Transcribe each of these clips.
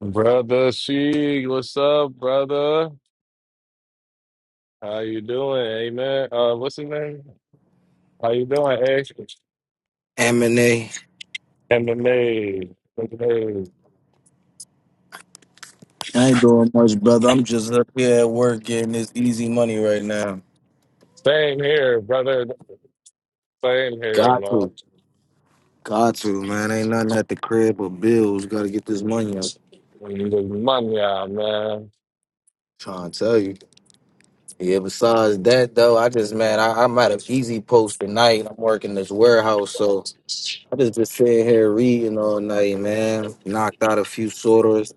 Brother Sheik, what's up, brother? How you doing? Amen. Uh, what's his name? How you doing, A? m and A, MMA. MMA. I ain't doing much, brother. I'm just up here at work getting this easy money right now. Same here, brother. Same here, Got to. Got to, man. Ain't nothing at the crib but bills. Gotta get this money up. man. Money, ah, man. Trying to tell you. Yeah, besides that though, I just man, I, I'm at an easy post tonight. I'm working this warehouse, so I just been sitting here reading all night, man. Knocked out a few sorters.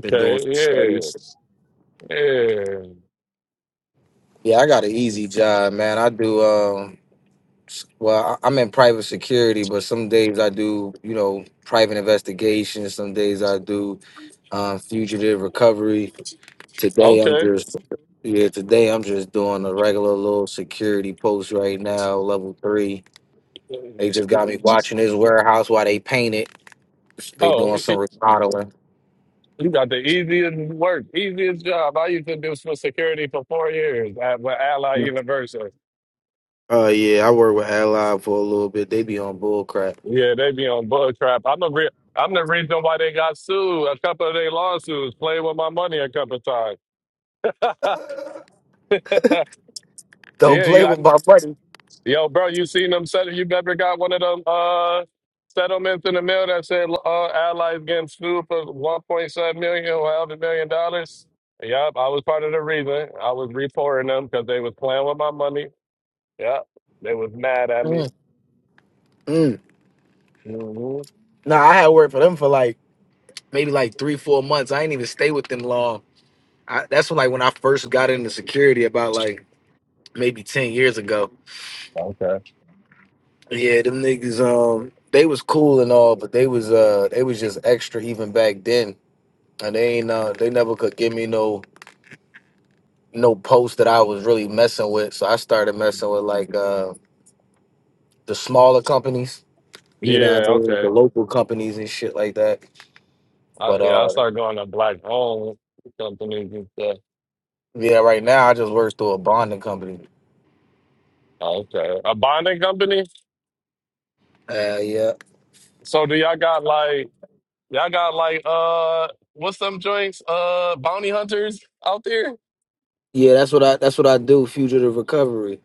Been doing some studies. yes. Yeah. Yeah, I got an easy job, man. I do. um, Well, I- I'm in private security, but some days I do, you know, private investigations. Some days I do um, fugitive recovery. Today I'm Okay. just, yeah, today I'm just doing a regular little security post right now, level three. They just got me watching this warehouse while they paint it. They Oh, doing some remodeling. you got the easiest work, easiest job. I used to do for security for four years at with Ally University. Uh, yeah, I work with Ally for a little bit. They be on bull crap. Yeah, they be on bug trap. I'm the re- I'm the reason why they got sued. A couple of their lawsuits, playing with my money a couple of times. Don't yeah, play you, with I, my money. yo, bro, you seen them settle? You never got one of them uh, settlements in the mail that said uh, allies getting sued for 1.7 million or half a million dollars. Yep, I was part of the reason. I was reporting them because they was playing with my money. Yep, they was mad at me. Mm, mm. hmm Nah, I had worked for them for like maybe like three, four months. I ain't even stay with them long. I, that's when like when I first got into security about like maybe ten years ago. Okay. Yeah, them niggas um they was cool and all, but they was uh they was just extra even back then. And they ain't uh they never could give me no no post that I was really messing with. So I started messing with like uh the smaller companies, you know what Yeah. I mean, Okay. the local companies and shit like that. I, But yeah, I uh started going to black owned companies and stuff. yeah, right now I just work through a bonding company. Oh, okay, a bonding company. Uh, yeah, So do y'all got like y'all got like uh what's them joints uh bounty hunters out there? Yeah, that's what I that's what I do, fugitive recovery.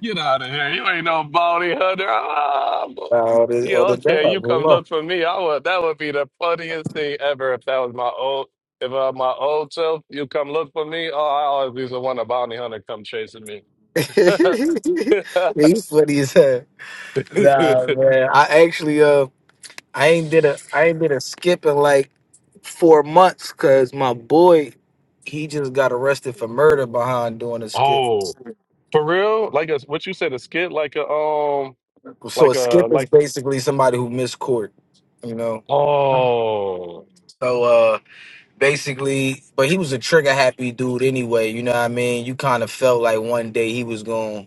Get out of here! You ain't no bounty hunter. Ah, bo- Uh, on the yeah, on the okay, you job, come hold on. look for me. I would that would be the funniest thing ever if that was my old. If uh, my old self, you come look for me. Oh, I always used to want a bounty hunter come chasing me. He's funny as hell. Nah, man. I actually uh I ain't did a I ain't did a skip in like four months cause my boy he just got arrested for murder behind doing a skip. oh, For real? Like a what you said, a skit like a um So like a a skip is like basically somebody who missed court, you know. oh So uh basically but he was a trigger happy dude anyway, you know what I mean? You kind of felt like one day he was gonna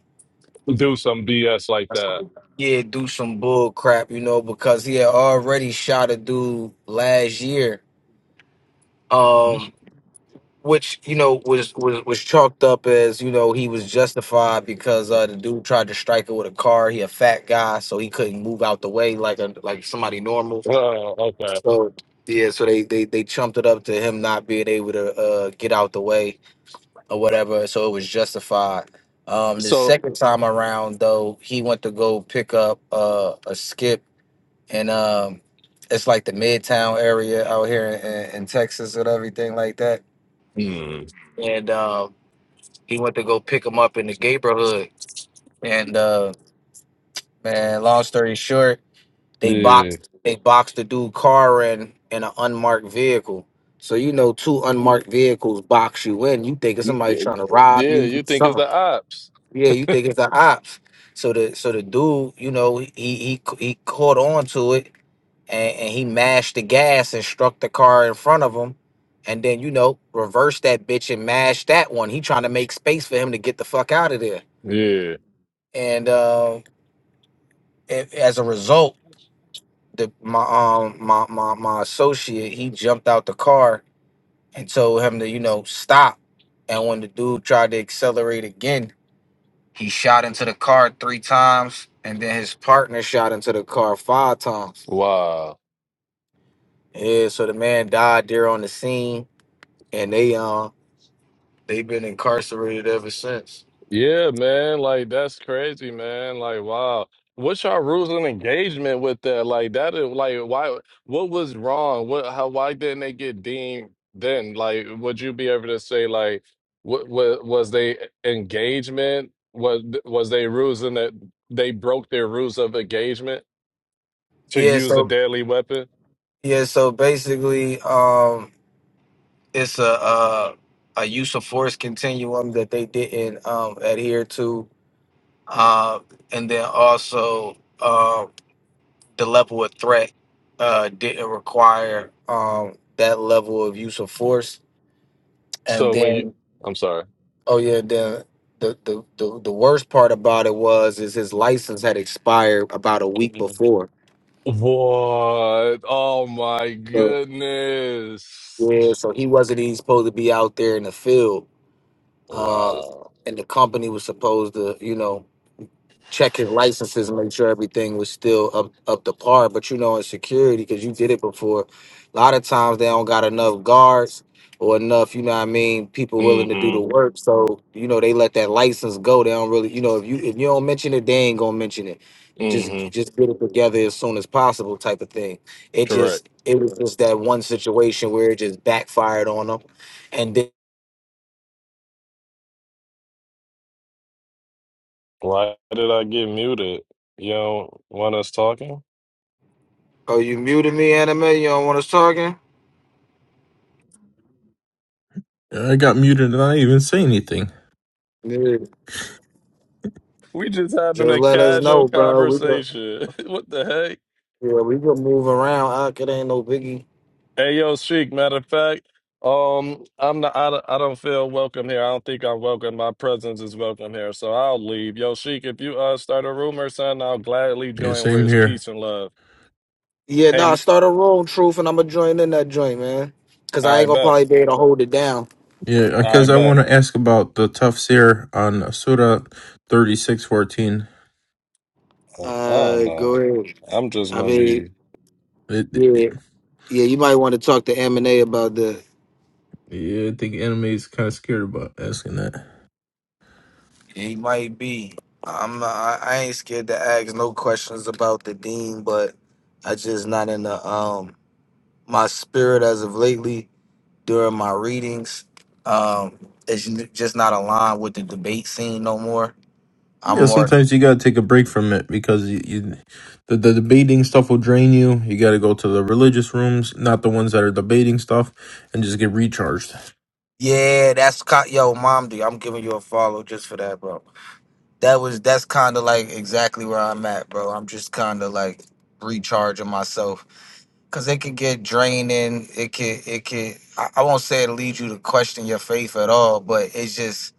do some BS like that. yeah, do some bull crap, you know, because he had already shot a dude last year, You um, should- which you know was was was chalked up as you know he was justified because uh, the dude tried to strike it with a car. He a fat guy, so he couldn't move out the way like a like somebody normal. Oh, okay. So yeah, so they they they chumped it up to him not being able to uh, get out the way or whatever. So it was justified. Um, the So second time around, though, he went to go pick up uh, a skip and um, it's like the Midtown area out here in, in Texas and everything like that. mm, And um, he went to go pick him up in the neighborhood. And uh, man, long story short, they yeah. boxed they boxed the dude car in in an unmarked vehicle. So you know, two unmarked vehicles box you in. You think it's You, somebody yeah, trying to rob yeah, you? do you think it's Something. the ops. Yeah, you think it's the ops. So the so the dude, you know, he he he caught on to it and, and he mashed the gas and struck the car in front of him and then you know reversed that bitch and mashed that one he trying to make space for him to get the fuck out of there Yeah. and uh, a- as a result the my um my, my my associate he jumped out the car and told him to you know stop and when the dude tried to accelerate again he shot into the car three times and then his partner shot into the car five times Wow. yeah so the man died there on the scene and they um. They've been incarcerated ever since. Yeah, man. Like that's crazy, man. Like wow. What's your rules of engagement with that? Like that is like why what was wrong? What how why didn't they get deemed then? Like would you be able to say like what, what was they engagement? Was was they rules in that they broke their rules of engagement to Yeah, use a so deadly weapon? yeah, so basically, um, it's a uh, a use of force continuum that they didn't um, adhere to, uh, and then also uh, the level of threat uh, didn't require um, that level of use of force, and So when you then I'm sorry. oh yeah, the the, the the the worst part about it was is his license had expired about a week before. What? Oh my So goodness. Yeah, so he wasn't even supposed to be out there in the field. Um, Wow. and the company was supposed to, you know, check his licenses and make sure everything was still up up to par. But you know, in security, because you did it before, a lot of times they don't got enough guards or enough, you know what I mean, people willing to do the Mm-hmm. work. So, you know, they let that license go. They don't really, you know, if you if you don't mention it, they ain't gonna mention it. Just Mm-hmm. just get it together as soon as possible, type of thing. It Correct. just it was just that one situation where it just backfired on them. And then Why did I get muted? You don't want us talking? Oh, you muted me, anime? You don't want us talking? I got muted and I didn't even say anything. Yeah. We just having Just a let us casual know, bro. We could conversation. what the heck? Yeah, we could move around. Uh, it ain't no biggie. Hey, yo, Sheik. Matter of fact, um, I'm not. I, don't- I don't feel welcome here. I don't think I'm welcome. My presence is welcome here, so I'll leave. Yo, Sheik, if you uh start a rumor, son, I'll gladly Yeah, join. Where same it's here. peace and love. Yeah, Hey, nah, m- start a room, truth, and I'm gonna join in that joint, man. Cause I I ain't gonna bet. probably be able to hold it down. Yeah, I because I bet. want to ask about the tafsir on Surah thirty six fourteen. I don't Uh, go know. ahead. I'm just I gonna mean, be. It, yeah, it, yeah. You might want to talk to M and A about that. yeah, I think anime is kind of scared about asking that. He might be. I'm. not- I, I ain't scared to ask no questions about the dean, but I just not in the um my spirit as of lately during my readings. Um, it's n- just not aligned with the debate scene no more. I'm Yeah, more. sometimes you gotta take a break from it because you, you the, the debating stuff will drain you. You gotta go to the religious rooms, not the ones that are debating stuff, and just get recharged. Yeah, that's kind. Yo, mom, dude, I'm giving you a follow just for that, bro. That was that's kind of like exactly where I'm at, bro. I'm just kind of like recharging myself because it could get draining. It could, it could. I, I won't say it leads you to question your faith at all, but it's just,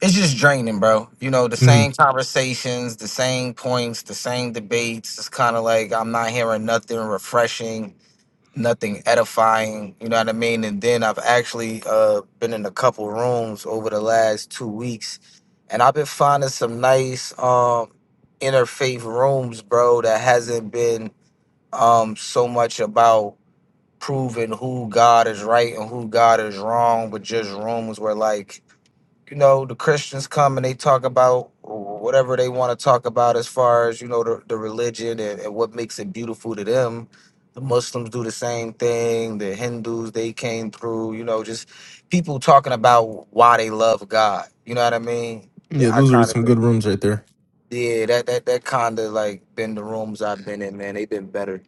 it's just draining, bro. You know, the hmm same conversations, the same points, the same debates. It's kind of like I'm not hearing nothing refreshing nothing edifying, you know what I mean? And then I've actually uh been in a couple rooms over the last two weeks and I've been finding some nice um interfaith rooms, bro, that hasn't been um so much about proving who God is right and who God is wrong, but just rooms where like you know, the Christians come and they talk about whatever they want to talk about as far as, you know, the, the religion and, and what makes it beautiful to them. The Muslims do the same thing. The Hindus, they came through, you know, just people talking about why they love God. You know what I mean? The- Yeah, I those are kind of some think, good rooms right there. yeah, that, that, that kind of like been the rooms I've been in, man. They've been better.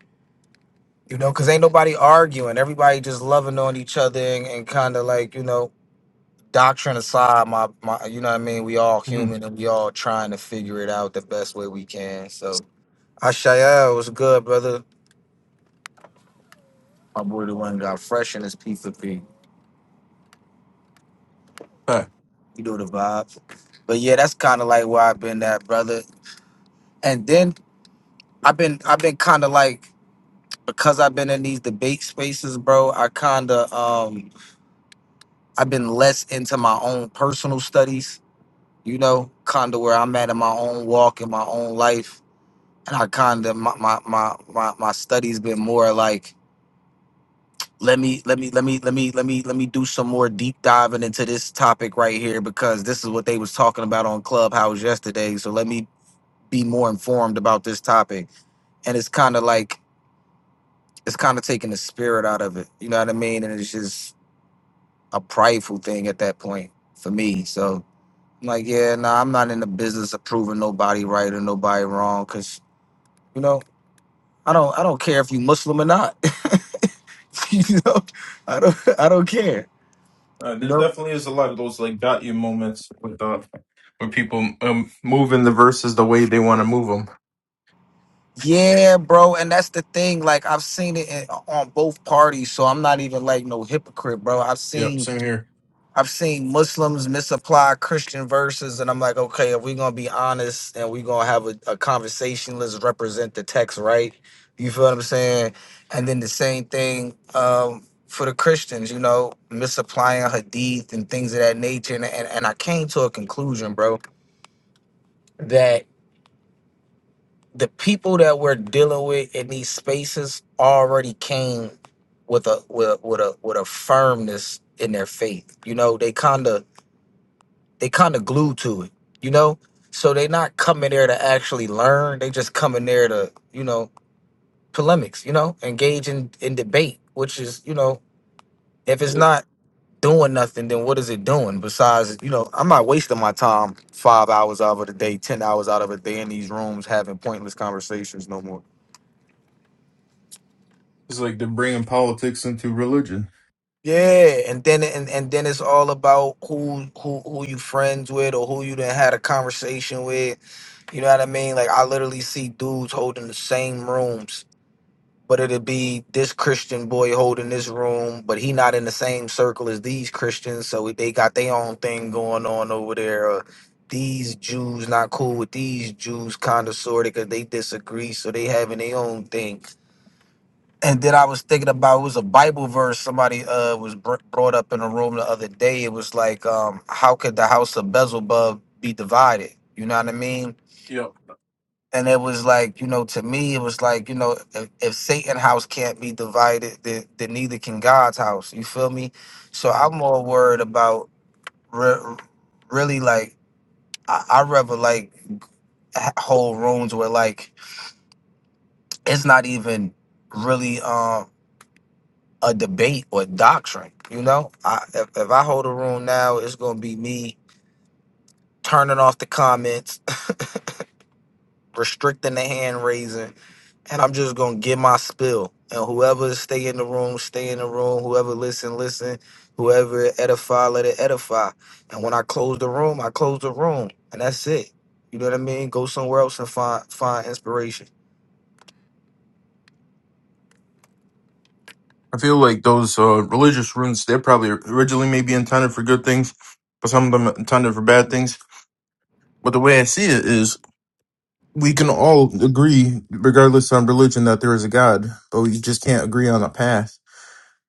You know, because ain't nobody arguing. Everybody just loving on each other and, and kind of like, you know, doctrine aside, my, my you know what I mean, we all Mhm. human and we all trying to figure it out the best way we can. So Ashael was good, brother. My boy the one got fresh in his P4P. All right. You know the vibes. But yeah, that's kinda like where I've been at, brother. And then I've been I've been kinda like because I've been in these debate spaces, bro, I kinda um I've been less into my own personal studies, you know, kinda where I'm at in my own walk in my own life and I kind of my, my my my my studies been more like let me let me let me let me let me let me do some more deep diving into this topic right here because this is what they was talking about on Clubhouse yesterday. So let me be more informed about this topic, and it's kind of like it's kind of taking the spirit out of it. You know what I mean? And it's just a prideful thing at that point for me. So I'm like, yeah, nah, I'm not in the business of proving nobody right or nobody wrong because you know I don't I don't care if you Muslim or not. you know, I don't I don't care. Uh, You there know? definitely is a lot of those like got you moments with uh, with people um, moving the verses the way they want to move them. Yeah, bro, and that's the thing. Like I've seen it in, on both parties, so I'm not even like no hypocrite, bro. I've Yep, seen same here. I've seen Muslims misapply Christian verses, and I'm like, okay, if we're gonna be honest and we're gonna have a, a conversation, let's represent the text, right? You feel what I'm saying? And then the same thing um, for the Christians, you know, misapplying hadith and things of that nature. And, and and I came to a conclusion, bro, that the people that we're dealing with in these spaces already came with a with a with a, with a firmness in their faith. You know, they kind of they kind of glued to it. You know, so they're not coming there to actually learn. They just coming there to you know polemics. You know, engage in in debate, which is you know if it's It's not doing nothing, then what is it doing besides you know I'm not wasting my time five hours out of the day, ten hours out of a day in these rooms having pointless conversations no more. like they're bringing politics into religion. Yeah, and then and, and then it's all about who who who you friends with or who you done had a conversation with. You know what I mean? Like I literally see dudes holding the same rooms, but it'll be this Christian boy holding this room, but he not in the same circle as these Christians, so they got their own thing going on over there. Or these Jews not cool with these Jews, kind of sort of, because they disagree, so they having their own thing. And then I was thinking about it was a Bible verse somebody uh was br- brought up in a room the other day. It was like, um, how could the house of Beelzebub be divided? You know what I mean? Yep. And it was like, you know, to me, it was like, you know, if, if Satan's house can't be divided, then, then neither can God's house. You feel me? So Mhm. I'm more worried about re- really like I, I rather like ha- whole rooms where like it's not even really um a debate or doctrine. You know, I, if, if I hold a room now, it's gonna be me turning off the comments, restricting the hand raising, and I'm just gonna give my spill. And whoever stay in the room, stay in the room. Whoever listen, listen. Whoever edify, let it edify. And when I close the room, I close the room, and that's it. You know what I mean? Go somewhere else and find find inspiration. I feel like those uh, religious rooms, they're probably originally maybe intended for good things, but some of them are intended for bad things. But the way I see it is, we can all agree, regardless on religion, that there is a God, but we just can't agree on a path.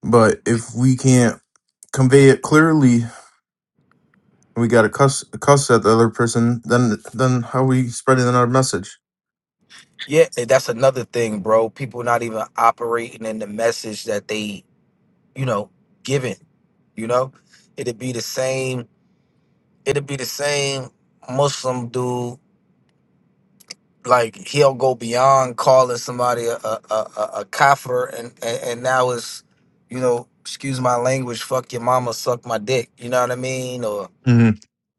But if we can't convey it clearly and we got to cuss cuss at the other person, then then how are we spreading our message? Yeah, and that's another thing, bro. People not even operating in the message that they, you know, giving You know, it'd be the same. It'd be the same Muslim dude. Like he'll go beyond calling somebody a a, a, a kafir, and, and and now it's, you know, excuse my language, fuck your mama, suck my dick. You know what I mean? Or hmm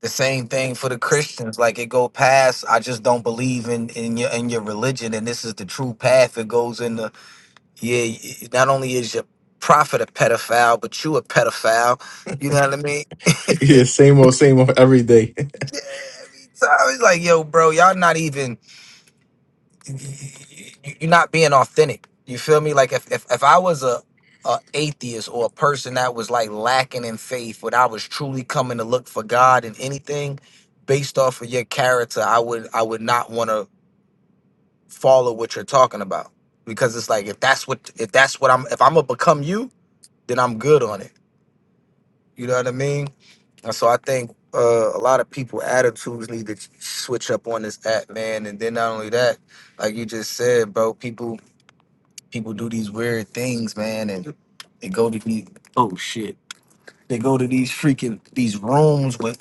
the same thing for the Christians. Like it go past. I just don't believe in in your in your religion, and this is the true path. It goes into yeah. y- Not only is your prophet a pedophile, but you a pedophile. You know what I mean? Yeah, same old, same old every day. every time. It's like, yo, bro, y'all not even you're not being authentic. You feel me? Like if if, if I was a a atheist or a person that was like lacking in faith, but I was truly coming to look for God in anything based off of your character, I would I would not want to follow what you're talking about because it's like if that's what if that's what I'm if I'm gonna become you, then I'm good on it. You know what I mean? And so I think uh, a lot of people attitudes need to switch up on this app, man. And then not only that, like you just said, bro, people people do these weird things, man, and they go to these oh shit, they go to these freaking these rooms with.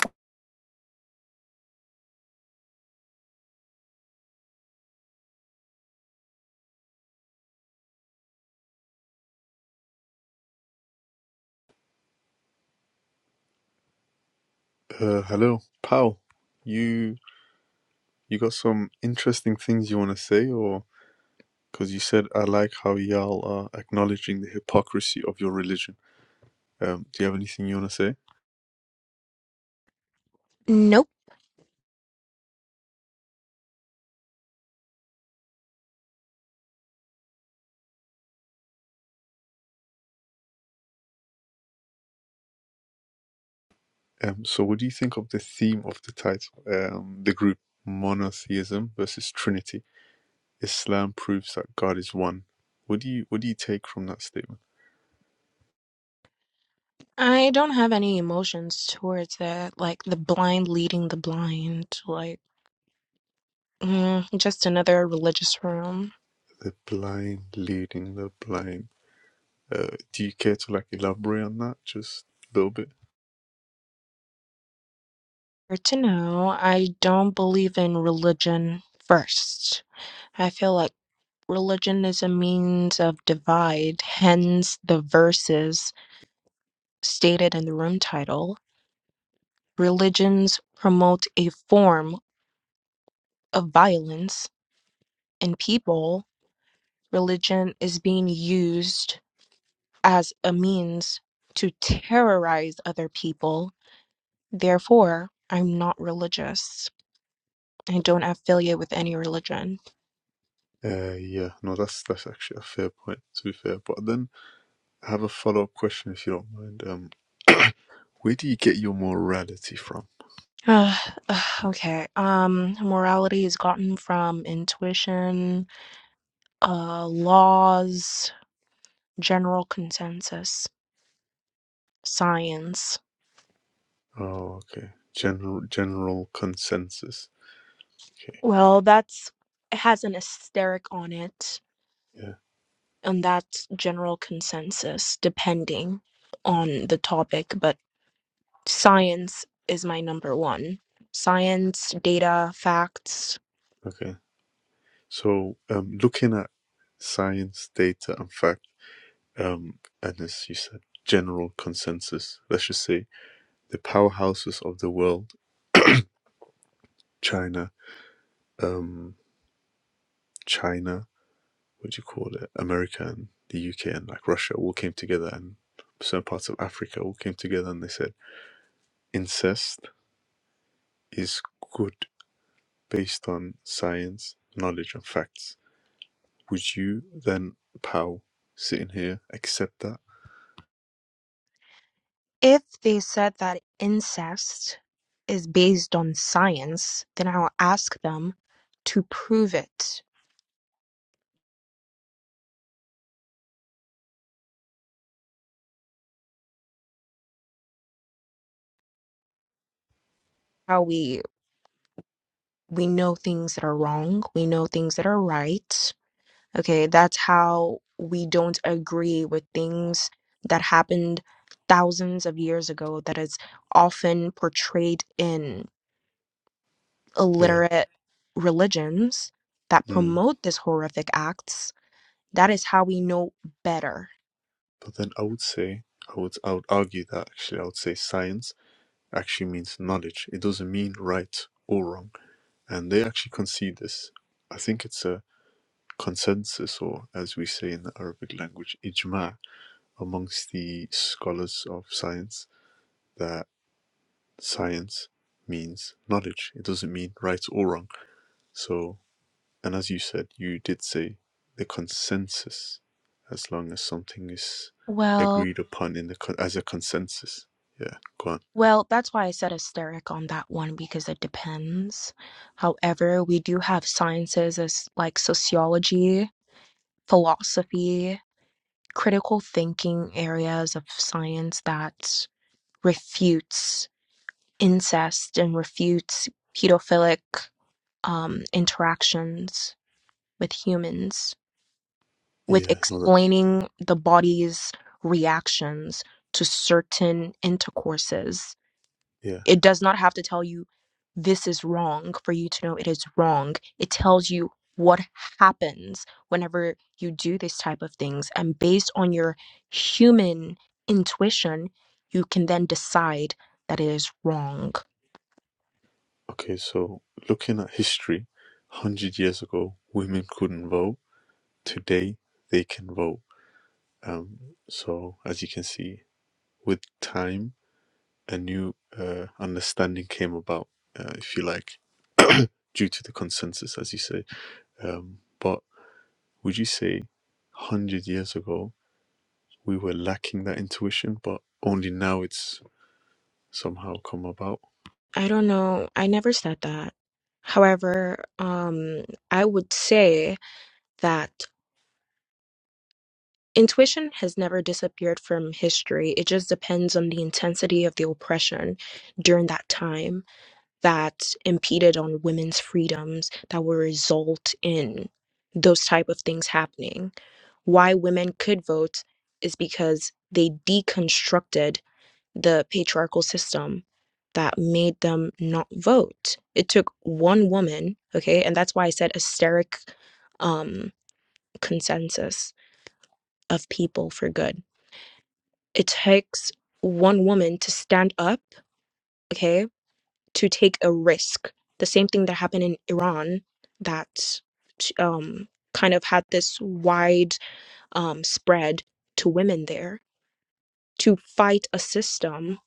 Uh, hello, pal. You you got some interesting things you want to say, or because you said I like how y'all are acknowledging the hypocrisy of your religion. Um, do you have anything you want to say? Nope. Um, so what do you think of the theme of the title, um, the group monotheism versus Trinity? Islam proves that God is one. What do you what do you take from that statement? I don't have any emotions towards that. Like the blind leading the blind. Like, mm, just another religious room. The blind leading the blind. Uh, do you care to like elaborate on that just a little bit? Or to know, I don't believe in religion first. I feel like religion is a means of divide, hence the verses stated in the room title. Religions promote a form of violence in people. Religion is being used as a means to terrorize other people. Therefore, I'm not religious. I don't affiliate with any religion. Uh, yeah, no, that's that's actually a fair point. To be fair, but then I have a follow up question, if you don't mind. Um, where do you get your morality from? Uh, uh, okay. Um, morality is gotten from intuition, uh, laws, general consensus, science. Oh, okay. General general consensus. Okay. Well, that's it has an asterisk on it, Yeah. and that's general consensus, depending on the topic, but. Science is my number one. Science, data, facts. Okay. So, um, looking at science, data, and fact, um, and as you said, general consensus. Let's just say the powerhouses of the world: China, um, China, what do you call it? America and the UK and like Russia all came together and certain parts of Africa all came together and they said incest is good based on science, knowledge, and facts. Would you then, Pow, sitting here, accept that? If they said that incest is based on science, then I'll ask them to prove it. How we we know things that are wrong, we know things that are right. Okay, that's how we don't agree with things that happened thousands of years ago that is often portrayed in Yeah. illiterate religions that Mm. promote these horrific acts. That is how we know better. But then I would say, I would, I would argue that actually, I would say science actually means knowledge. It doesn't mean right or wrong. And they actually concede this. I think it's a consensus, or as we say in the Arabic language, ijma, amongst the scholars of science that science means knowledge. It doesn't mean right or wrong. So, and as you said, you did say the consensus, as long as something is Well, agreed upon in the con- as a consensus. Yeah, go on. well, that's why I said hysteric on that one because it depends. However, we do have sciences as like sociology, philosophy, critical thinking areas of science that refutes incest and refutes pedophilic um, interactions with humans with Yeah, another. explaining the body's reactions to certain intercourses. Yeah. It does not have to tell you this is wrong for you to know it is wrong. It tells you what happens whenever you do this type of things. And based on your human intuition, you can then decide that it is wrong. Okay, so looking at history, 100 years ago, women couldn't vote. Today, they can vote. Um, so, as you can see, with time, a new uh, understanding came about, uh, if you like, due to the consensus, as you say. Um, but would you say 100 years ago, we were lacking that intuition, but only now it's somehow come about? I don't know. I never said that. However, um, I would say that intuition has never disappeared from history. It just depends on the intensity of the oppression during that time. that impeded on women's freedoms that will result in those type of things happening why women could vote is because they deconstructed the patriarchal system that made them not vote it took one woman okay and that's why i said hysteric um consensus of people for good it takes one woman to stand up okay to take a risk. The same thing that happened in Iran that um, kind of had this wide um, spread to women there to fight a system.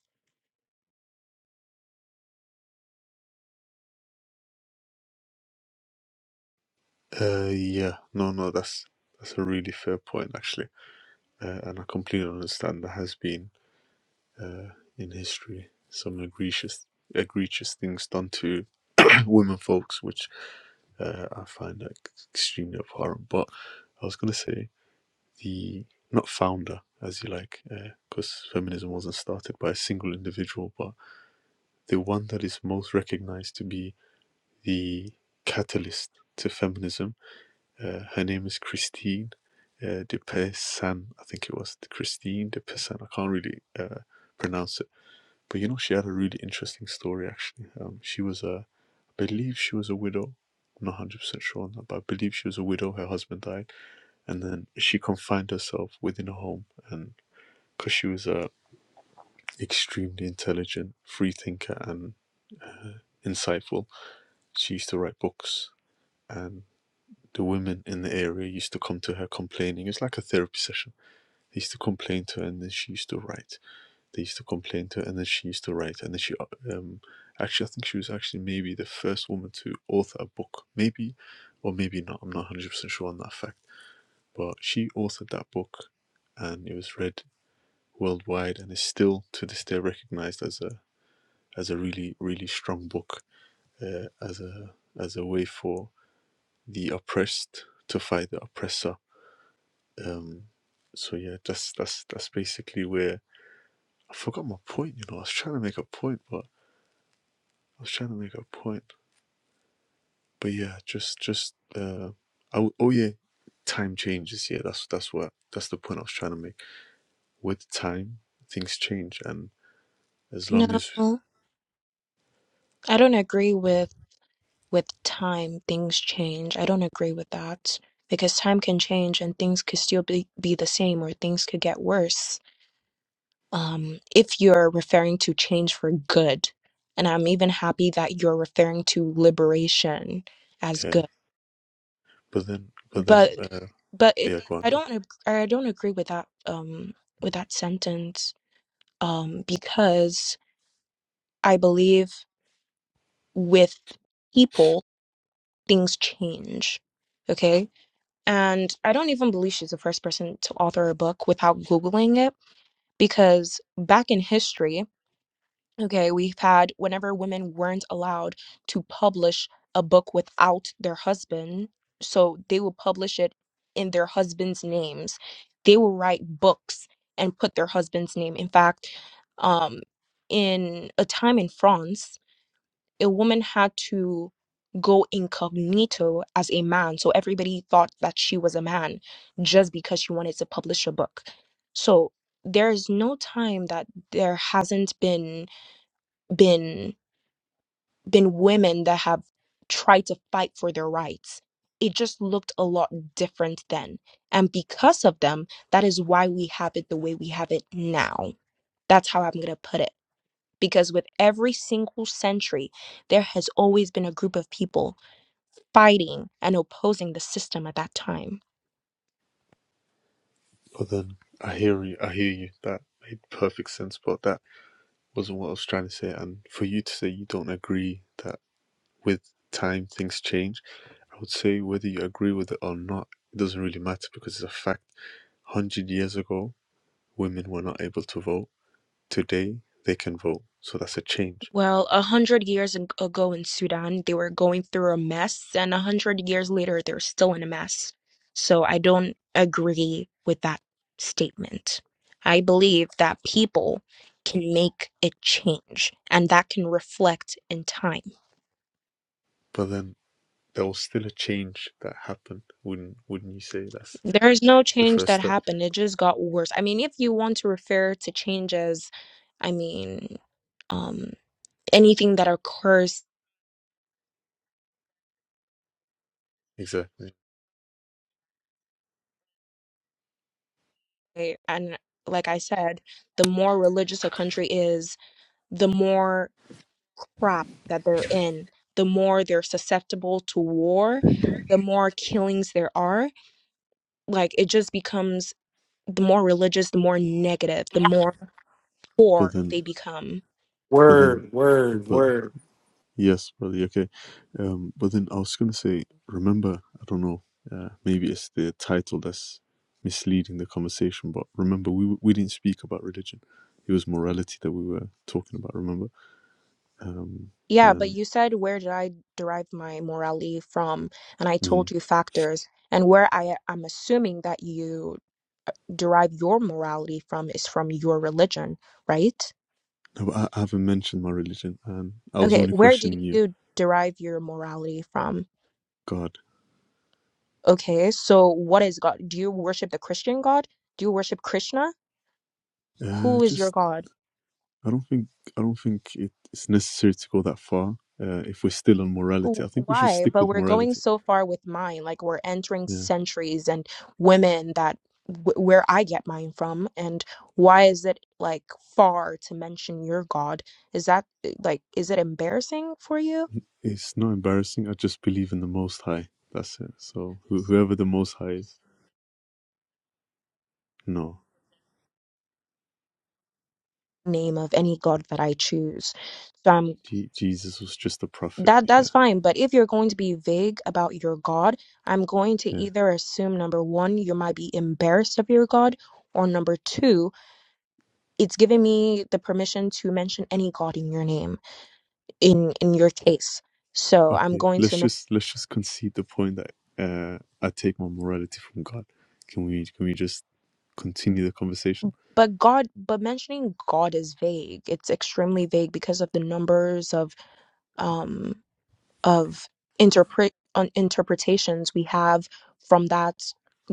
Uh, yeah, no, no, that's that's a really fair point, actually. Uh, and I completely understand there has been uh, in history some egregious, egregious things done to women folks, which Uh, I find that extremely abhorrent. But I was going to say the not founder, as you like, because uh, feminism wasn't started by a single individual, but the one that is most recognized to be the catalyst to feminism. Uh, her name is Christine uh, de Pessan, I think it was Christine de Pessan. I can't really uh, pronounce it but you know, she had a really interesting story actually. Um, she was a, I believe she was a widow. I'm not 100% sure on that, but I believe she was a widow. Her husband died. And then she confined herself within a home. And because she was a extremely intelligent free thinker and uh, insightful, she used to write books. And the women in the area used to come to her complaining. It's like a therapy session. They used to complain to her and then she used to write. They used to complain to her, and then she used to write. And then she, uh, um, actually, I think she was actually maybe the first woman to author a book, maybe, or maybe not. I'm not 100 percent sure on that fact. But she authored that book, and it was read worldwide, and is still to this day recognized as a as a really really strong book, uh, as a as a way for the oppressed to fight the oppressor. Um, so yeah, that's that's that's basically where I forgot my point. You know, I was trying to make a point, but I was trying to make a point, but yeah, just just uh, I w- oh yeah, time changes. Yeah, that's that's what that's the point I was trying to make. With time, things change, and as long as No, I don't agree with with time things change. I don't agree with that because time can change and things could still be, be the same or things could get worse. Um, if you're referring to change for good, and I'm even happy that you're referring to liberation as good yeah, but then but then but uh, but it yeah, go on, i go. on. don't ag- i don't agree with that um with that sentence um because i believe with people things change okay and i don't even believe she's the first person to author a book without googling it because back in history Okay, we've had whenever women weren't allowed to publish a book without their husband, so they will publish it in their husband's names. They will write books and put their husband's name. In fact, um, in a time in France, a woman had to go incognito as a man, so everybody thought that she was a man just because she wanted to publish a book. So there is no time that there hasn't been been been women that have tried to fight for their rights. It just looked a lot different then. And because of them, that is why we have it the way we have it now. That's how I'm going to put it. Because with every single century, there has always been a group of people fighting and opposing the system at that time. But then I hear you. I hear you. That made perfect sense, but that wasn't what I was trying to say. And for you to say you don't agree that with time things change, I would say whether you agree with it or not, it doesn't really matter because it's a fact. Hundred years ago, women were not able to vote. Today they can vote, so that's a change. Well, a hundred years ag- ago in Sudan, they were going through a mess, and a hundred years later, they're still in a mess. So I don't agree with that statement. I believe that people can make a change, and that can reflect in time. But then there was still a change that happened. Wouldn't wouldn't you say that's There is no the change first that step? happened, it just got worse. I mean, if you want to refer to change as, I mean, um, anything that occurs, Exactly. eh, and like I said, the more religious a country is, the more crop that they're in, the more they're susceptible to war, the more killings there are. Like it just becomes the more religious, the more negative, the more But poor they then, become. but then, Word, but, word, but word. yes, brother. yeah, Okay. Um. But then I was gonna say, remember, I don't know. Uh, maybe it's the title that's misleading the conversation. But remember, we we didn't speak about religion. It was morality that we were talking about. Remember. Um. Yeah, but And. you said where did I derive my morality from? And I mm-hmm. told you factors. And where I am assuming that you derive your morality from is from your religion, right? No, but I, I haven't mentioned my religion, and I was Okay, only where do questioning you. you derive your morality from? God, Okay, so what is God? Do you worship the Christian God? Do you worship Krishna? uh, Who is your just God? I don't think I don't think it, it's necessary to go that far. Uh, if we're still on Wh- morality, I think we should Why? stick But with we're going morality. so far with mine, like we're entering Yeah, centuries and women that wh- where I get mine from, and why is it like far to mention your God? Is that eh, like is it embarrassing for you? it's not embarrassing. I just believe in the Most High. That's it. So who whoever the Most High is, no, Name of any God that I choose. So I'm. Je- Jesus was just a prophet. That Yeah, that's fine, but if you're going to be vague about your God, I'm going to yeah. either assume number one, you might be embarrassed of your God, or number two, it's giving me the permission to mention any God in your name, in in your case. So I'm Okay, going let's to, men- just let's just concede the point that uh, I take my morality from God. Can we can we just continue the conversation? but God, but mentioning God is vague. It's extremely vague because of the numbers of um of interpret on interpretations we have from that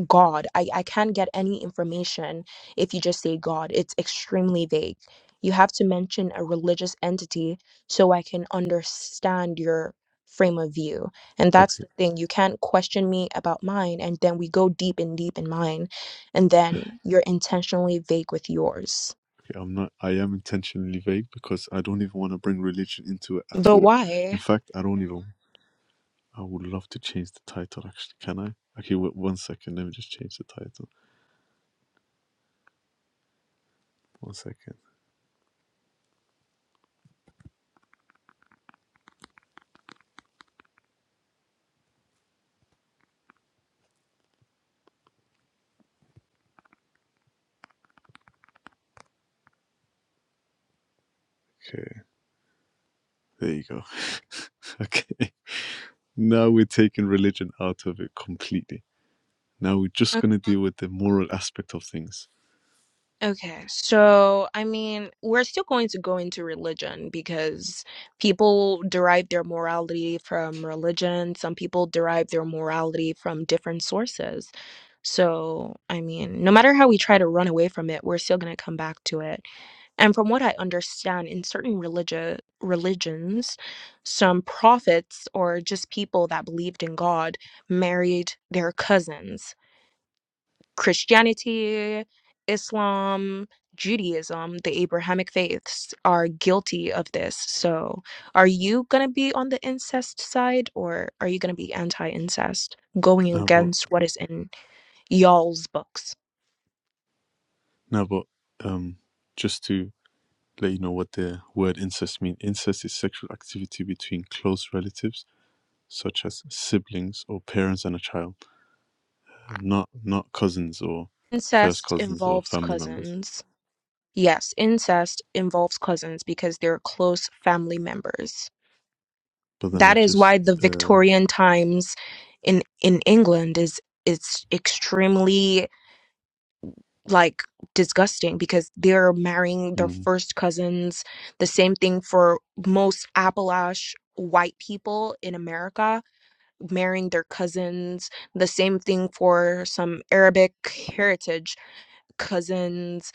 God. I, I can't get any information if you just say God. It's extremely vague. You have to mention a religious entity so I can understand your frame of view. And Okay. that's the thing. You can't question me about mine and then we go deep and deep in mine and then you're intentionally vague with yours. Okay, I'm not. I am intentionally vague because I don't even want to bring religion into it at But all. In why? fact, I don't even. I would love to change the title. Actually, can I? Okay, wait one second. Let me just change the title. One second. Okay, there you go. okay, now we're taking religion out of it completely. Now we're just gonna deal with the moral aspect of things. Okay, so I mean, we're still going to go into religion because people derive their morality from religion. Some people derive their morality from different sources. So, I mean, no matter how we try to run away from it, we're still going to come back to it. And from what I understand, in certain religious religions, some prophets or just people that believed in God married their cousins. Christianity, Islam, Judaism, the Abrahamic faiths are guilty of this. So, are you going to be on the incest side or are you going to be anti incest, going Now, but against what is in y'all's books? now, but um, just to let you know what the word incest means. Incest is sexual activity between close relatives such as siblings or parents and a child, not not cousins or first Incest cousins or involves family members. cousins. Yes, incest involves cousins because they're close family members. But then I That is just why the uh, Victorian times in in England is it's extremely like disgusting because they're marrying their mm. first cousins. The same thing for most Appalachian white people in America marrying their cousins. The same thing for some Arabic heritage cousins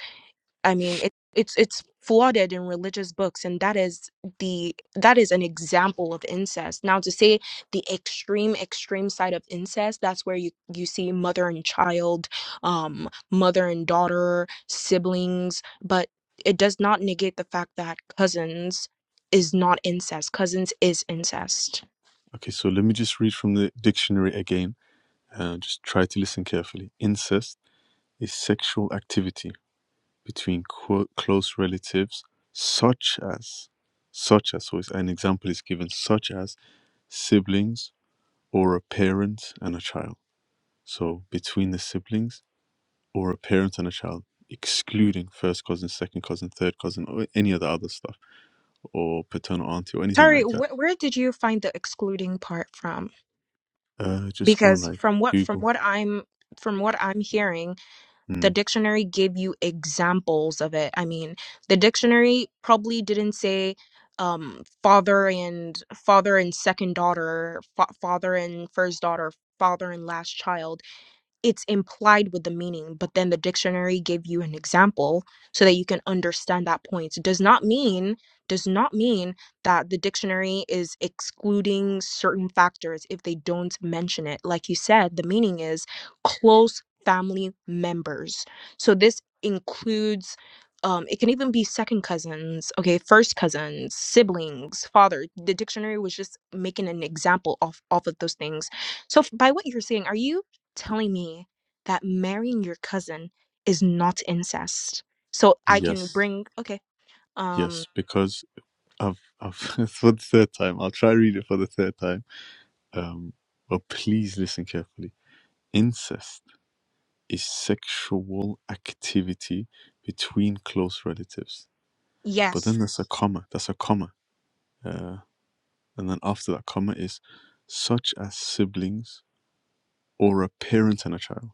I mean, it, it's it's flooded in religious books, and that is the that is an example of incest. Now, to say the extreme extreme side of incest, that's where you you see mother and child, um, mother and daughter, siblings, but it does not negate the fact that cousins is not incest. Cousins is incest. okay. So let me just read from the dictionary again. Uh, just try to listen carefully. Incest is sexual activity between qu- close relatives, such as such as so it's- an example is given such as siblings or a parent and a child so between the siblings or a parent and a child, excluding first cousin, second cousin, third cousin, or any of the other stuff, or paternal auntie, or anything Sorry, like that. wh- where did you find the excluding part from? Uh, just go on Because like from what from Google. what I'm from what I'm hearing the Mm, dictionary gave you examples of it. I mean, the dictionary probably didn't say um father and father and second daughter, fa- father and first daughter, father and last child it's implied with the meaning, but then the dictionary gave you an example so that you can understand that point. It Does not mean does not mean that the dictionary is excluding certain factors if they don't mention it. Like you said, the meaning is close family members. So this includes um, it can even be second cousins, okay, first cousins, siblings, father. The dictionary was just making an example off off of those things. So f- by what you're saying, are you telling me that marrying your cousin is not incest. So I can yes, bring okay. Um yes, because I've, I've for the third time. I'll try read it for the third time. Um, but please listen carefully. Incest is sexual activity between close relatives. But yes. then there's a comma. That's a comma. Uh, and then after that comma is such as siblings or a parent and a child.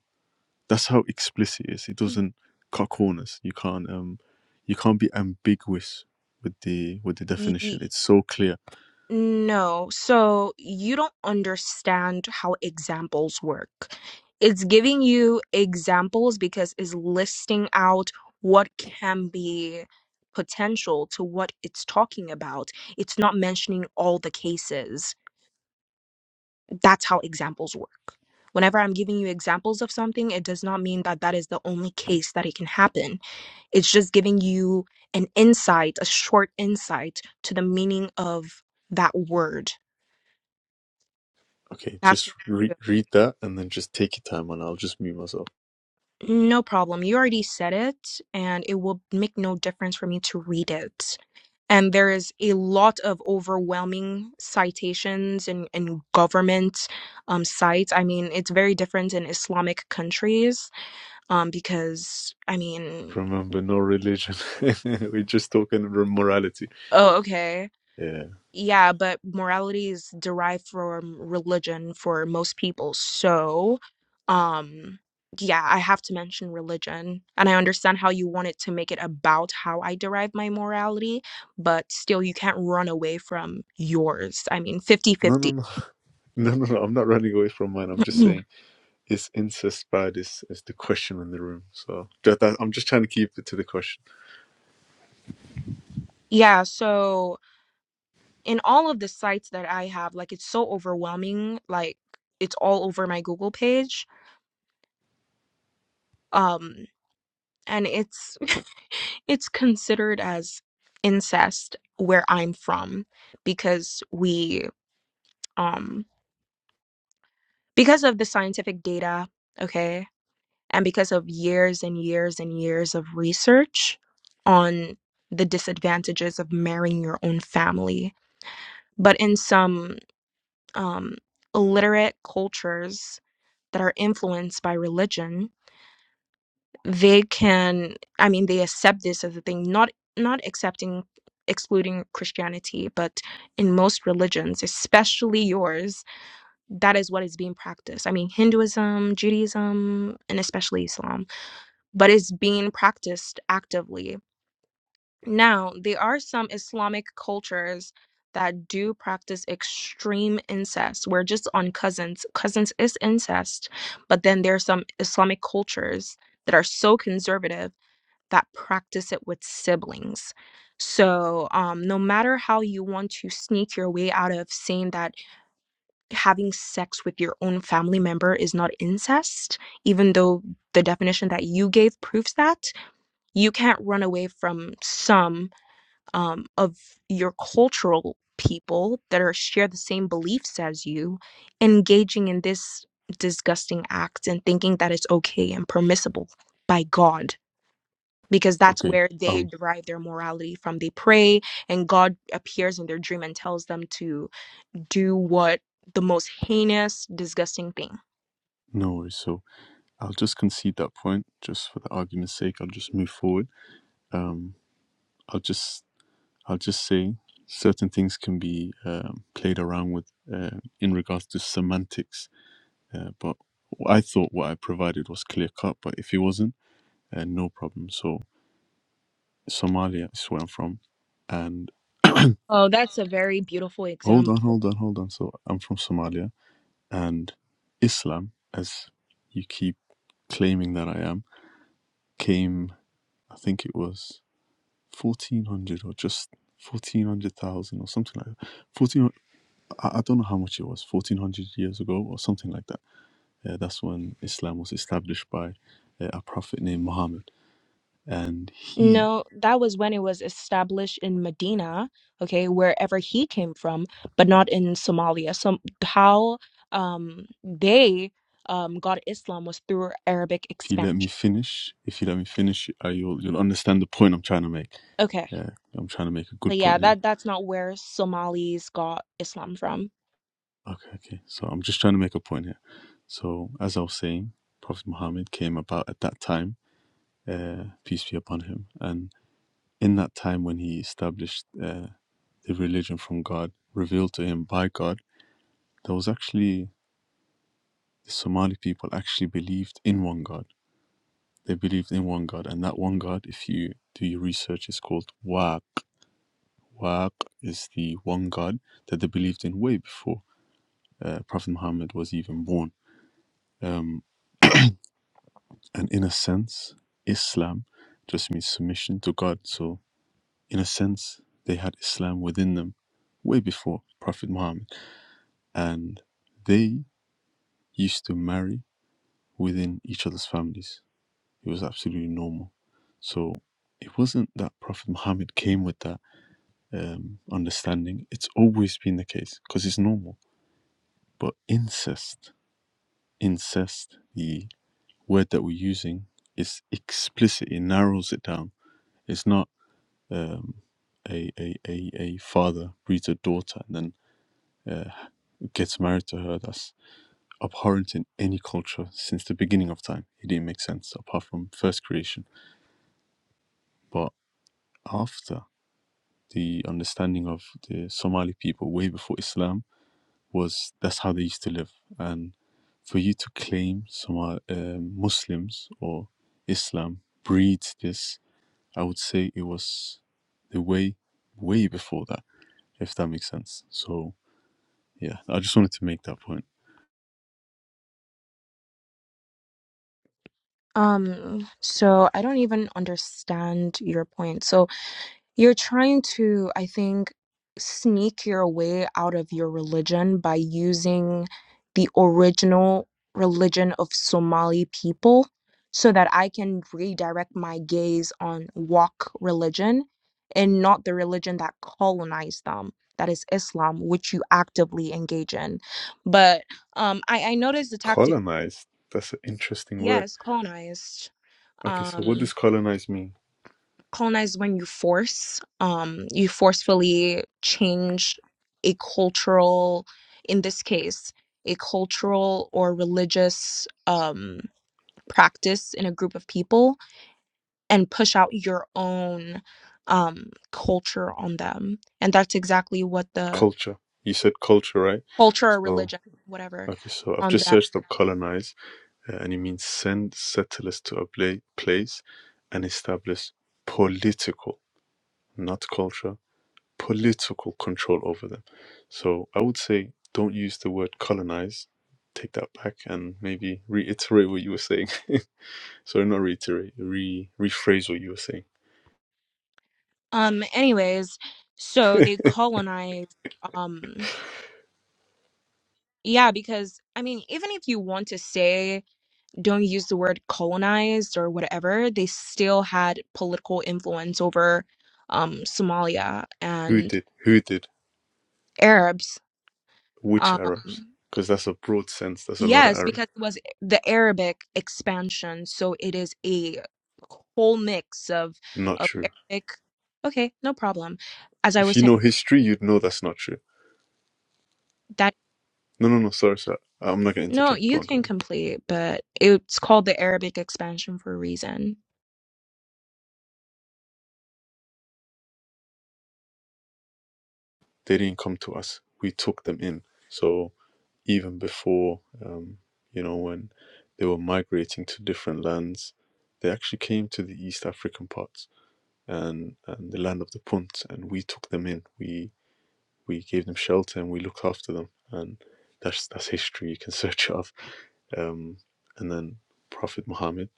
That's how explicit it is. It doesn't cut corners. You can't um you can't be ambiguous with the with the Y- definition. It's so clear. no. So you don't understand how examples work. It's giving you examples because it's listing out what can be potential to what it's talking about. It's not mentioning all the cases That's how examples work. Whenever I'm giving you examples of something, it does not mean that that is the only case that it can happen. It's just giving you an insight, a short insight to the meaning of that word. Okay, That's just what. re- read that and then just take your time and I'll just mute myself. No problem. You already said it, and it will make no difference for me to read it. And there is a lot of overwhelming citations and in, in government um, sites. I mean, it's very different in Islamic countries um because i mean Remember, no religion. We're just talking morality. oh okay Yeah. yeah but morality is derived from religion for most people so um yeah i have to mention religion and i understand how you wanted to make it about how i derive my morality but still you can't run away from yours i mean No, no, fifty-fifty. no, no, no, no. I'm not running away from mine. I'm just saying, is incest bad? Is is the question in the room? So that, that, I'm just trying to keep it to the question. yeah so in all of the sites that i have like it's so overwhelming like it's all over my google page um and it's it's considered as incest where I'm from because we um because of the scientific data, okay, and because of years and years and years of research on the disadvantages of marrying your own family. But in some um illiterate cultures that are influenced by religion, they can i mean they accept this as a thing not not accepting excluding christianity but in most religions especially yours that is what is being practiced i mean hinduism judaism and especially islam but it's being practiced actively now there are some islamic cultures that do practice extreme incest where just on cousins cousins is incest but then there are some islamic cultures that are so conservative that practice it with siblings. So, um, no matter how you want to sneak your way out of saying that having sex with your own family member is not incest, even though the definition that you gave proves that, you can't run away from some um, of your cultural people that are share the same beliefs as you engaging in this disgusting act and thinking that it's okay and permissible by God because that's Okay. where they Um. derive their morality from. They pray, and God appears in their dream and tells them to do what the most heinous, disgusting thing. No worries. So I'll just concede that point, just for the argument's sake. I'll just move forward. Um, I'll just I'll just say certain things can be um, played around with uh, in regards to semantics. Uh, but I thought what I provided was clear cut, but if it wasn't, uh, no problem. So Somalia is where I'm from, and Oh, that's a very beautiful hold on, example. hold on, hold on. So I'm from Somalia, and Islam, as you keep claiming that I am, came. I think it was 1400 or just fourteen hundred thousand or something like that. 14, I, I don't know how much it was, 1400 years ago or something like that. Uh, that's when Islam was established by uh, a prophet named Muhammad. And he, No, that was when it was established in Medina, okay, wherever he came from, but not in Somalia. So how um they um got Islam was through Arabic if you let me expansion. finish, if you let me finish, uh, you'll, you'll understand the point I'm trying to make. Okay. Yeah, I'm trying to make a good But yeah, point here. that that's not where Somalis got Islam from. Okay, okay. So I'm just trying to make a point here. So as I was saying, Prophet Muhammad came about at that time, uh, peace be upon him, and in that time when he established uh, the religion from God, revealed to him by God, there was actually the Somali people actually believed in one God. They believed in one God, and that one God, if you do your research, is called Waq. Waq is the one God that they believed in way before uh, Prophet Muhammad was even born. Um, and in a sense, Islam just means submission to God. So, in a sense, they had Islam within them way before Prophet Muhammad. and they used to marry within each other's families. It was absolutely normal. So it wasn't that Prophet Muhammad came with that um, understanding. It's always been the case because it's normal. But incest, incest, the word that we're using is explicit. It narrows it down. It's not um, a, a, a, a father breeds a daughter and then uh, gets married to her. That's abhorrent in any culture since the beginning of time. It didn't make sense apart from first creation. But after the understanding of the Somali people way before Islam was that's how they used to live. And for you to claim Somali um Muslims or Islam breeds this, I would say it was the way way before that, if that makes sense. So yeah, I just wanted to make that point. Um, so I don't even understand your point. So you're trying to, I think, sneak your way out of your religion by using the original religion of Somali people so that I can redirect my gaze on wok religion and not the religion that colonized them, that is Islam, which you actively engage in. But um I, I noticed the tactic, Colonized. That's an interesting word. yes, colonized. Okay, so what Um does colonize mean? colonize is when you force um you forcefully change a cultural in this case a cultural or religious um practice in a group of people and push out your own um culture on them and that's exactly what the culture. You said culture, right? culture or So, religion whatever okay, so I've on just them searched up colonize, uh, and it means send settlers to a pla- place and establish political, not culture, political control over them. So, I would say don't use the word colonize. Take that back and maybe reiterate what you were saying. Sorry, not reiterate, re rephrase what you were saying. um anyways so they colonize um yeah because i mean even if you want to say don't use the word colonized or whatever, they still had political influence over um, Somalia Who and did? Who did? Arabs. Which Arabs? Um, Because that's a broad sense. That's a lot of yes, Arabs. because it was the Arabic expansion, so it is a whole mix of Not of true. Arabic. Okay, no problem. As I If was you saying, know history, you'd know that's not true. that No, no, no. Sorry, sir. I'm not going to no, interject. you Go on, go can on. go on. complete, but it's called the Arabic expansion for a reason. They didn't come to us. We took them in. So even before, um, you know, when they were migrating to different lands, they actually came to the East African parts and, and the land of the Punt, and we took them in. We we gave them shelter and we looked after them, and that's that's history. You can search it up. Um, and then Prophet Muhammad.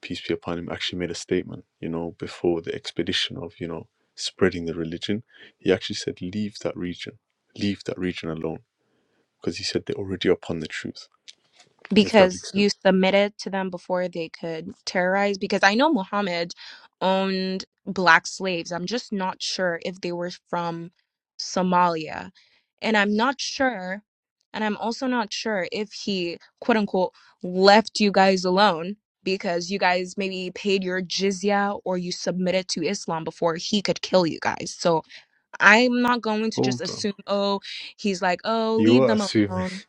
peace be upon him, actually made a statement, you know, before the expedition of, you know, spreading the religion. He actually said, leave that region, leave that region alone. Because he said they're already upon the truth, if that because makes you sense. submitted to them before they could terrorize because i know muhammad owned black slaves i'm just not sure if they were from somalia and i'm not sure and i'm also not sure if he quote unquote left you guys alone because you guys maybe paid your jizya or you submitted to islam before he could kill you guys so i'm not going to just Hold on. assume oh he's like oh You leave are them assuming. alone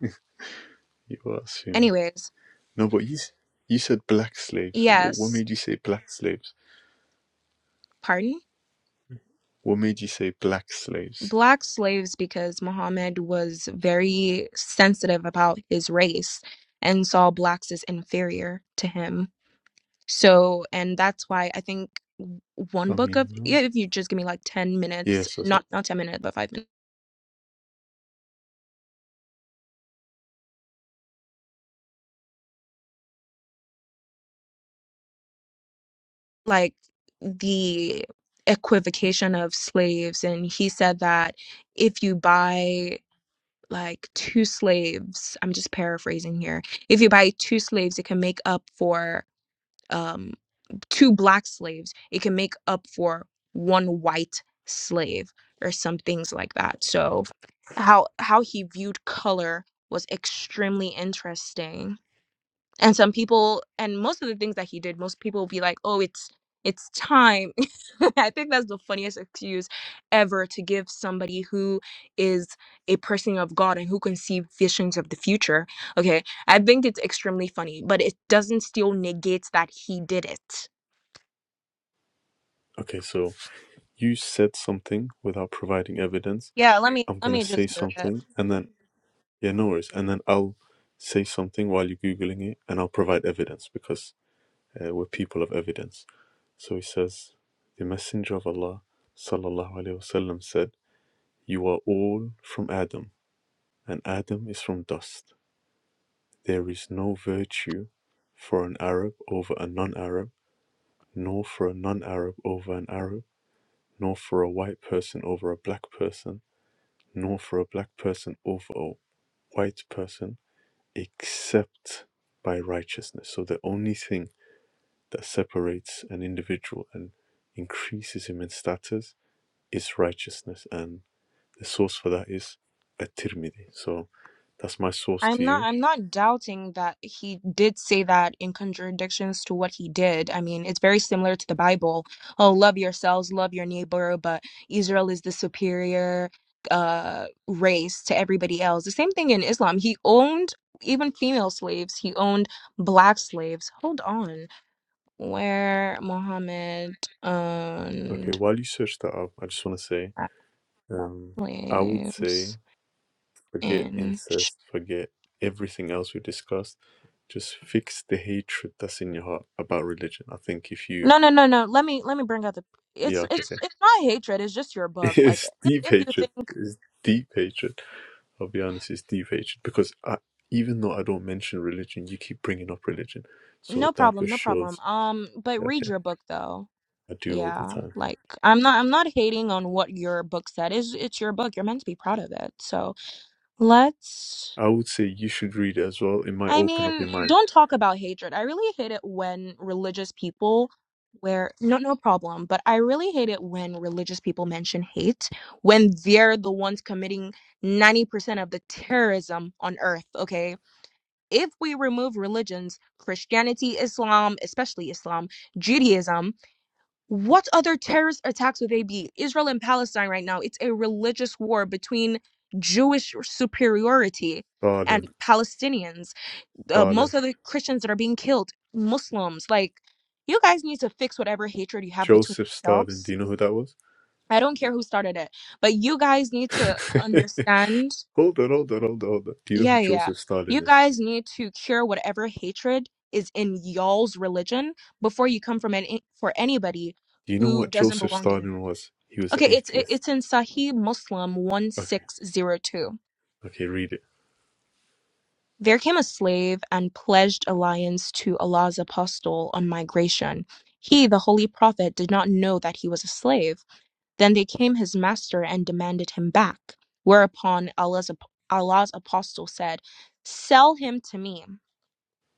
You are assuming. anyways No, but you, you said black slaves. What, what yes made you say black slaves? pardon What made you say black slaves? black slaves because Muhammad was very sensitive about his race and saw blacks as inferior to him. So, and that's why I think one I book mean, of no. yeah, if you just give me like 10 minutes, Yes, I said- not not 10 minutes, but 5 minutes. Like the equivocation of slaves and he said that if you buy like two slaves, I'm just paraphrasing here. If you buy two slaves, it can make up for um, two black slaves, it can make up for one white slave or some things like that. So how how he viewed color was extremely interesting and some people and most of the things that he did most people will be like oh it's it's time i think that's the funniest excuse ever to give somebody who is a person of god and who can see visions of the future okay i think it's extremely funny but it doesn't still negate that he did it Okay, so you said something without providing evidence. Yeah, let me I'm let going to me say just give it. something, and then Yeah, no worries. And then I'll say something while you're Googling it, and I'll provide evidence because uh, we're people of evidence. So he says, The Messenger of Allah sallallahu alaihi wasallam, said, You are all from Adam, and Adam is from dust. There is no virtue for an Arab over a non Arab, nor for a non Arab over an Arab, nor for a white person over a black person, nor for a black person over a white person except by righteousness. So the only thing that separates an individual and increases him in status is righteousness. And the source for that is at Tirmidhi. So that's my source I'm to not you. I'm not doubting that he did say that in contradictions to what he did. I mean, it's very similar to the Bible. Oh, love yourselves, love your neighbor, but Israel is the superior uh race to everybody else. The same thing in Islam. He owned even female slaves. He owned black slaves. Hold on. Where Muhammad Okay, owned while you search that up, I just want to say black um, I would say slaves forget in incest, forget everything else we discussed. Just fix the hatred that's in your heart about religion. I think if you, No, no, no, no. Let me let me bring out the. yeah, It's okay, it's okay. it's not hatred. It's just your book. Like it's if deep if you hatred. think It's deep hatred I'll be honest, it's deep deviated because I, even though I don't mention religion, you keep bringing up religion. no So that problem, just no problem. shows. Um, but read Okay, your book though. I do all the Yeah, time. like I'm not I'm not hating on what your book said. Is it's it's your book. You're meant to be proud of it. So let's. I would say you should read it as well. It might I open up mean, your mind. don't talk about hatred. I really hate it when religious people where no no problem, but I really hate it when religious people mention hate when they're the ones committing 90% of the terrorism on earth, okay? If we remove religions, Christianity, Islam, especially Islam, Judaism, what other terrorist attacks would they be? Israel and Palestine right now, it's a religious war between Jewish superiority and Stalin, Palestinians uh, Stalin, most of the Christians that are being killed, Muslims. Like, you guys need to fix whatever hatred you have between Joseph Stalin. Do yourselves. you know who that was? I don't care who started it, but you guys need to understand. hold on, hold on, hold on, hold on. Do you know who Yeah, yeah. Joseph You Stalin is? guys need to cure whatever hatred is in y'all's religion before you come from any for anybody Do you know who what doesn't Joseph belong in. Stalin was? He was an Okay, it's it- atheist. it's in Sahih Muslim one Okay, six zero two. okay, read it. There came a slave and pledged allegiance to Allah's apostle on migration. He, the holy prophet, did not know that he was a slave. Then they came his master and demanded him back. Whereupon Allah's, Allah's apostle said, "Sell him to me."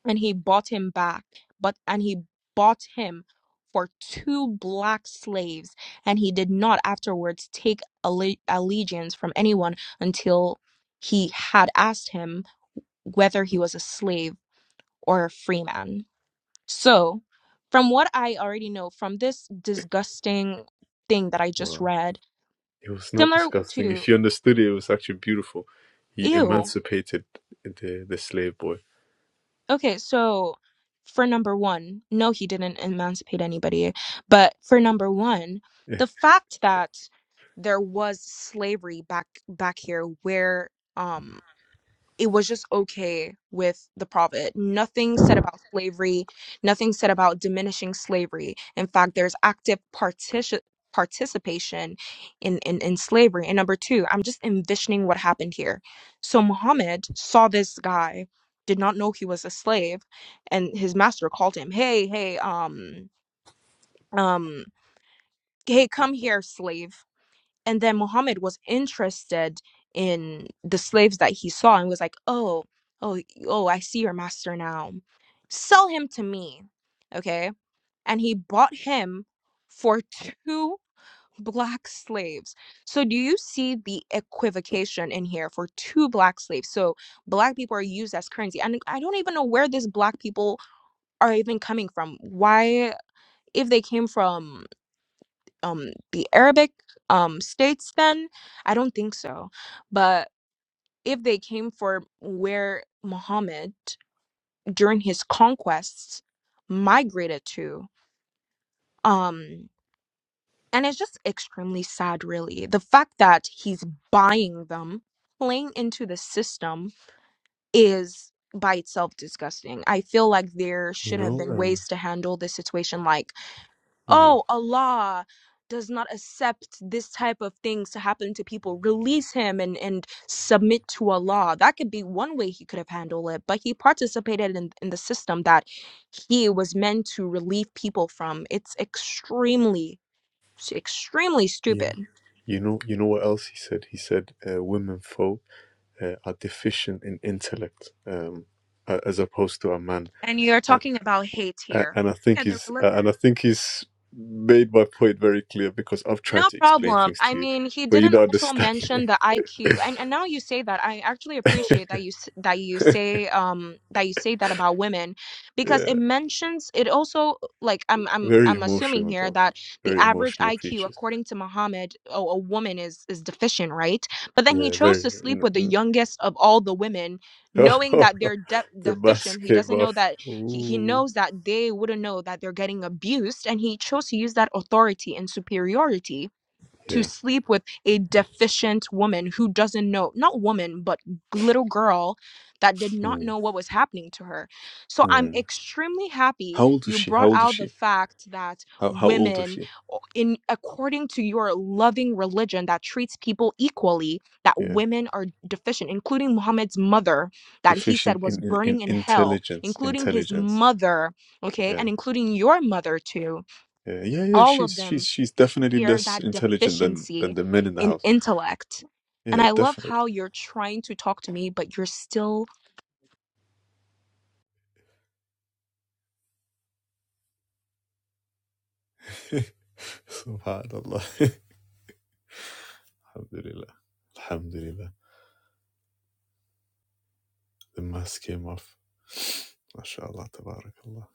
And he bought him back, but and he bought him for two black slaves, and he did not afterwards take alle- allegiance from anyone until he had asked him whether he was a slave or a free man. So, from what I already know from this disgusting thing that I just Wow. read, It was not similar disgusting. to If you understood it, it was actually beautiful. He ew. emancipated the the slave boy. Okay, so for number one, no, he didn't emancipate anybody. But for number one, Eh, the fact that there was slavery back back here where um. it was just okay with the prophet. Nothing said about slavery, nothing said about diminishing slavery. In fact, there's active partici- participation in, in, in slavery. And number two, I'm just envisioning what happened here. So Muhammad saw this guy, did not know he was a slave, and his master called him, Hey, hey, um, um, hey, come here, slave and then Muhammad was interested in the slaves that he saw and was like, "Oh, oh, oh, I see your master now. Sell him to me." Okay? And he bought him for two black slaves. So do you see the equivocation in here for two black slaves? So black people are used as currency. And I don't even know where these black people are even coming from. Why if they came from um the Arabic um states then? I don't think so. But if they came for where Muhammad during his conquests migrated to, um and it's just extremely sad really. The fact that he's buying them, playing into the system is by itself disgusting. I feel like there You should have know, been um, ways to handle this situation like mm, oh allah does not accept this type of things to happen to people release him and and submit to allah that could be one way he could have handled it but he participated in, in the system that he was meant to relieve people from it's extremely extremely stupid you you know, you know what else he said? He said uh, women folk uh, are deficient in intellect, um, a- as opposed to a man. and you're And talking about hate a- here and I yeah think the he's uh, religion and I think he's made my point very clear because I've tried No to explain problem. things I to you, mean, he but you didn't don't also mention understand. the IQ, and and now you say that. I actually appreciate that you s- that you say um that you say that about women, because it yeah, mentions it also like I'm I'm very I'm assuming emotional here though. that the Very average emotional IQ, creatures. according to Muhammad, oh, a woman is is deficient, right? But then he Yeah, chose very. to sleep with the youngest of all the women, knowing that the they're de deficient. mask He came doesn't know off. that he, he Ooh. knows that they wouldn't know that they're getting abused, and he chose to use that authority and superiority to Yeah. sleep with a deficient woman who doesn't know, not woman, but little girl that did not Mm. know what was happening to her. So I'm Mm. extremely happy How old is you she? How brought old is out the she? fact that How how old is women she? in according to your loving religion that treats people equally that Yeah. women are deficient including Muhammad's mother that he said Deficient was in, in, in burning in hell intelligence. including his Intelligence. mother okay Yeah. and including your mother too Yeah. Yeah. Yeah. all She's of them she's she's definitely here less that intelligent than than deficiency the men in the in house. intellect. And Yeah. I love how Definitely. you're trying to talk to me, but you're still Subhanallah. Alhamdulillah. Alhamdulillah. The mask came off. MashaAllah. Tabarakallah.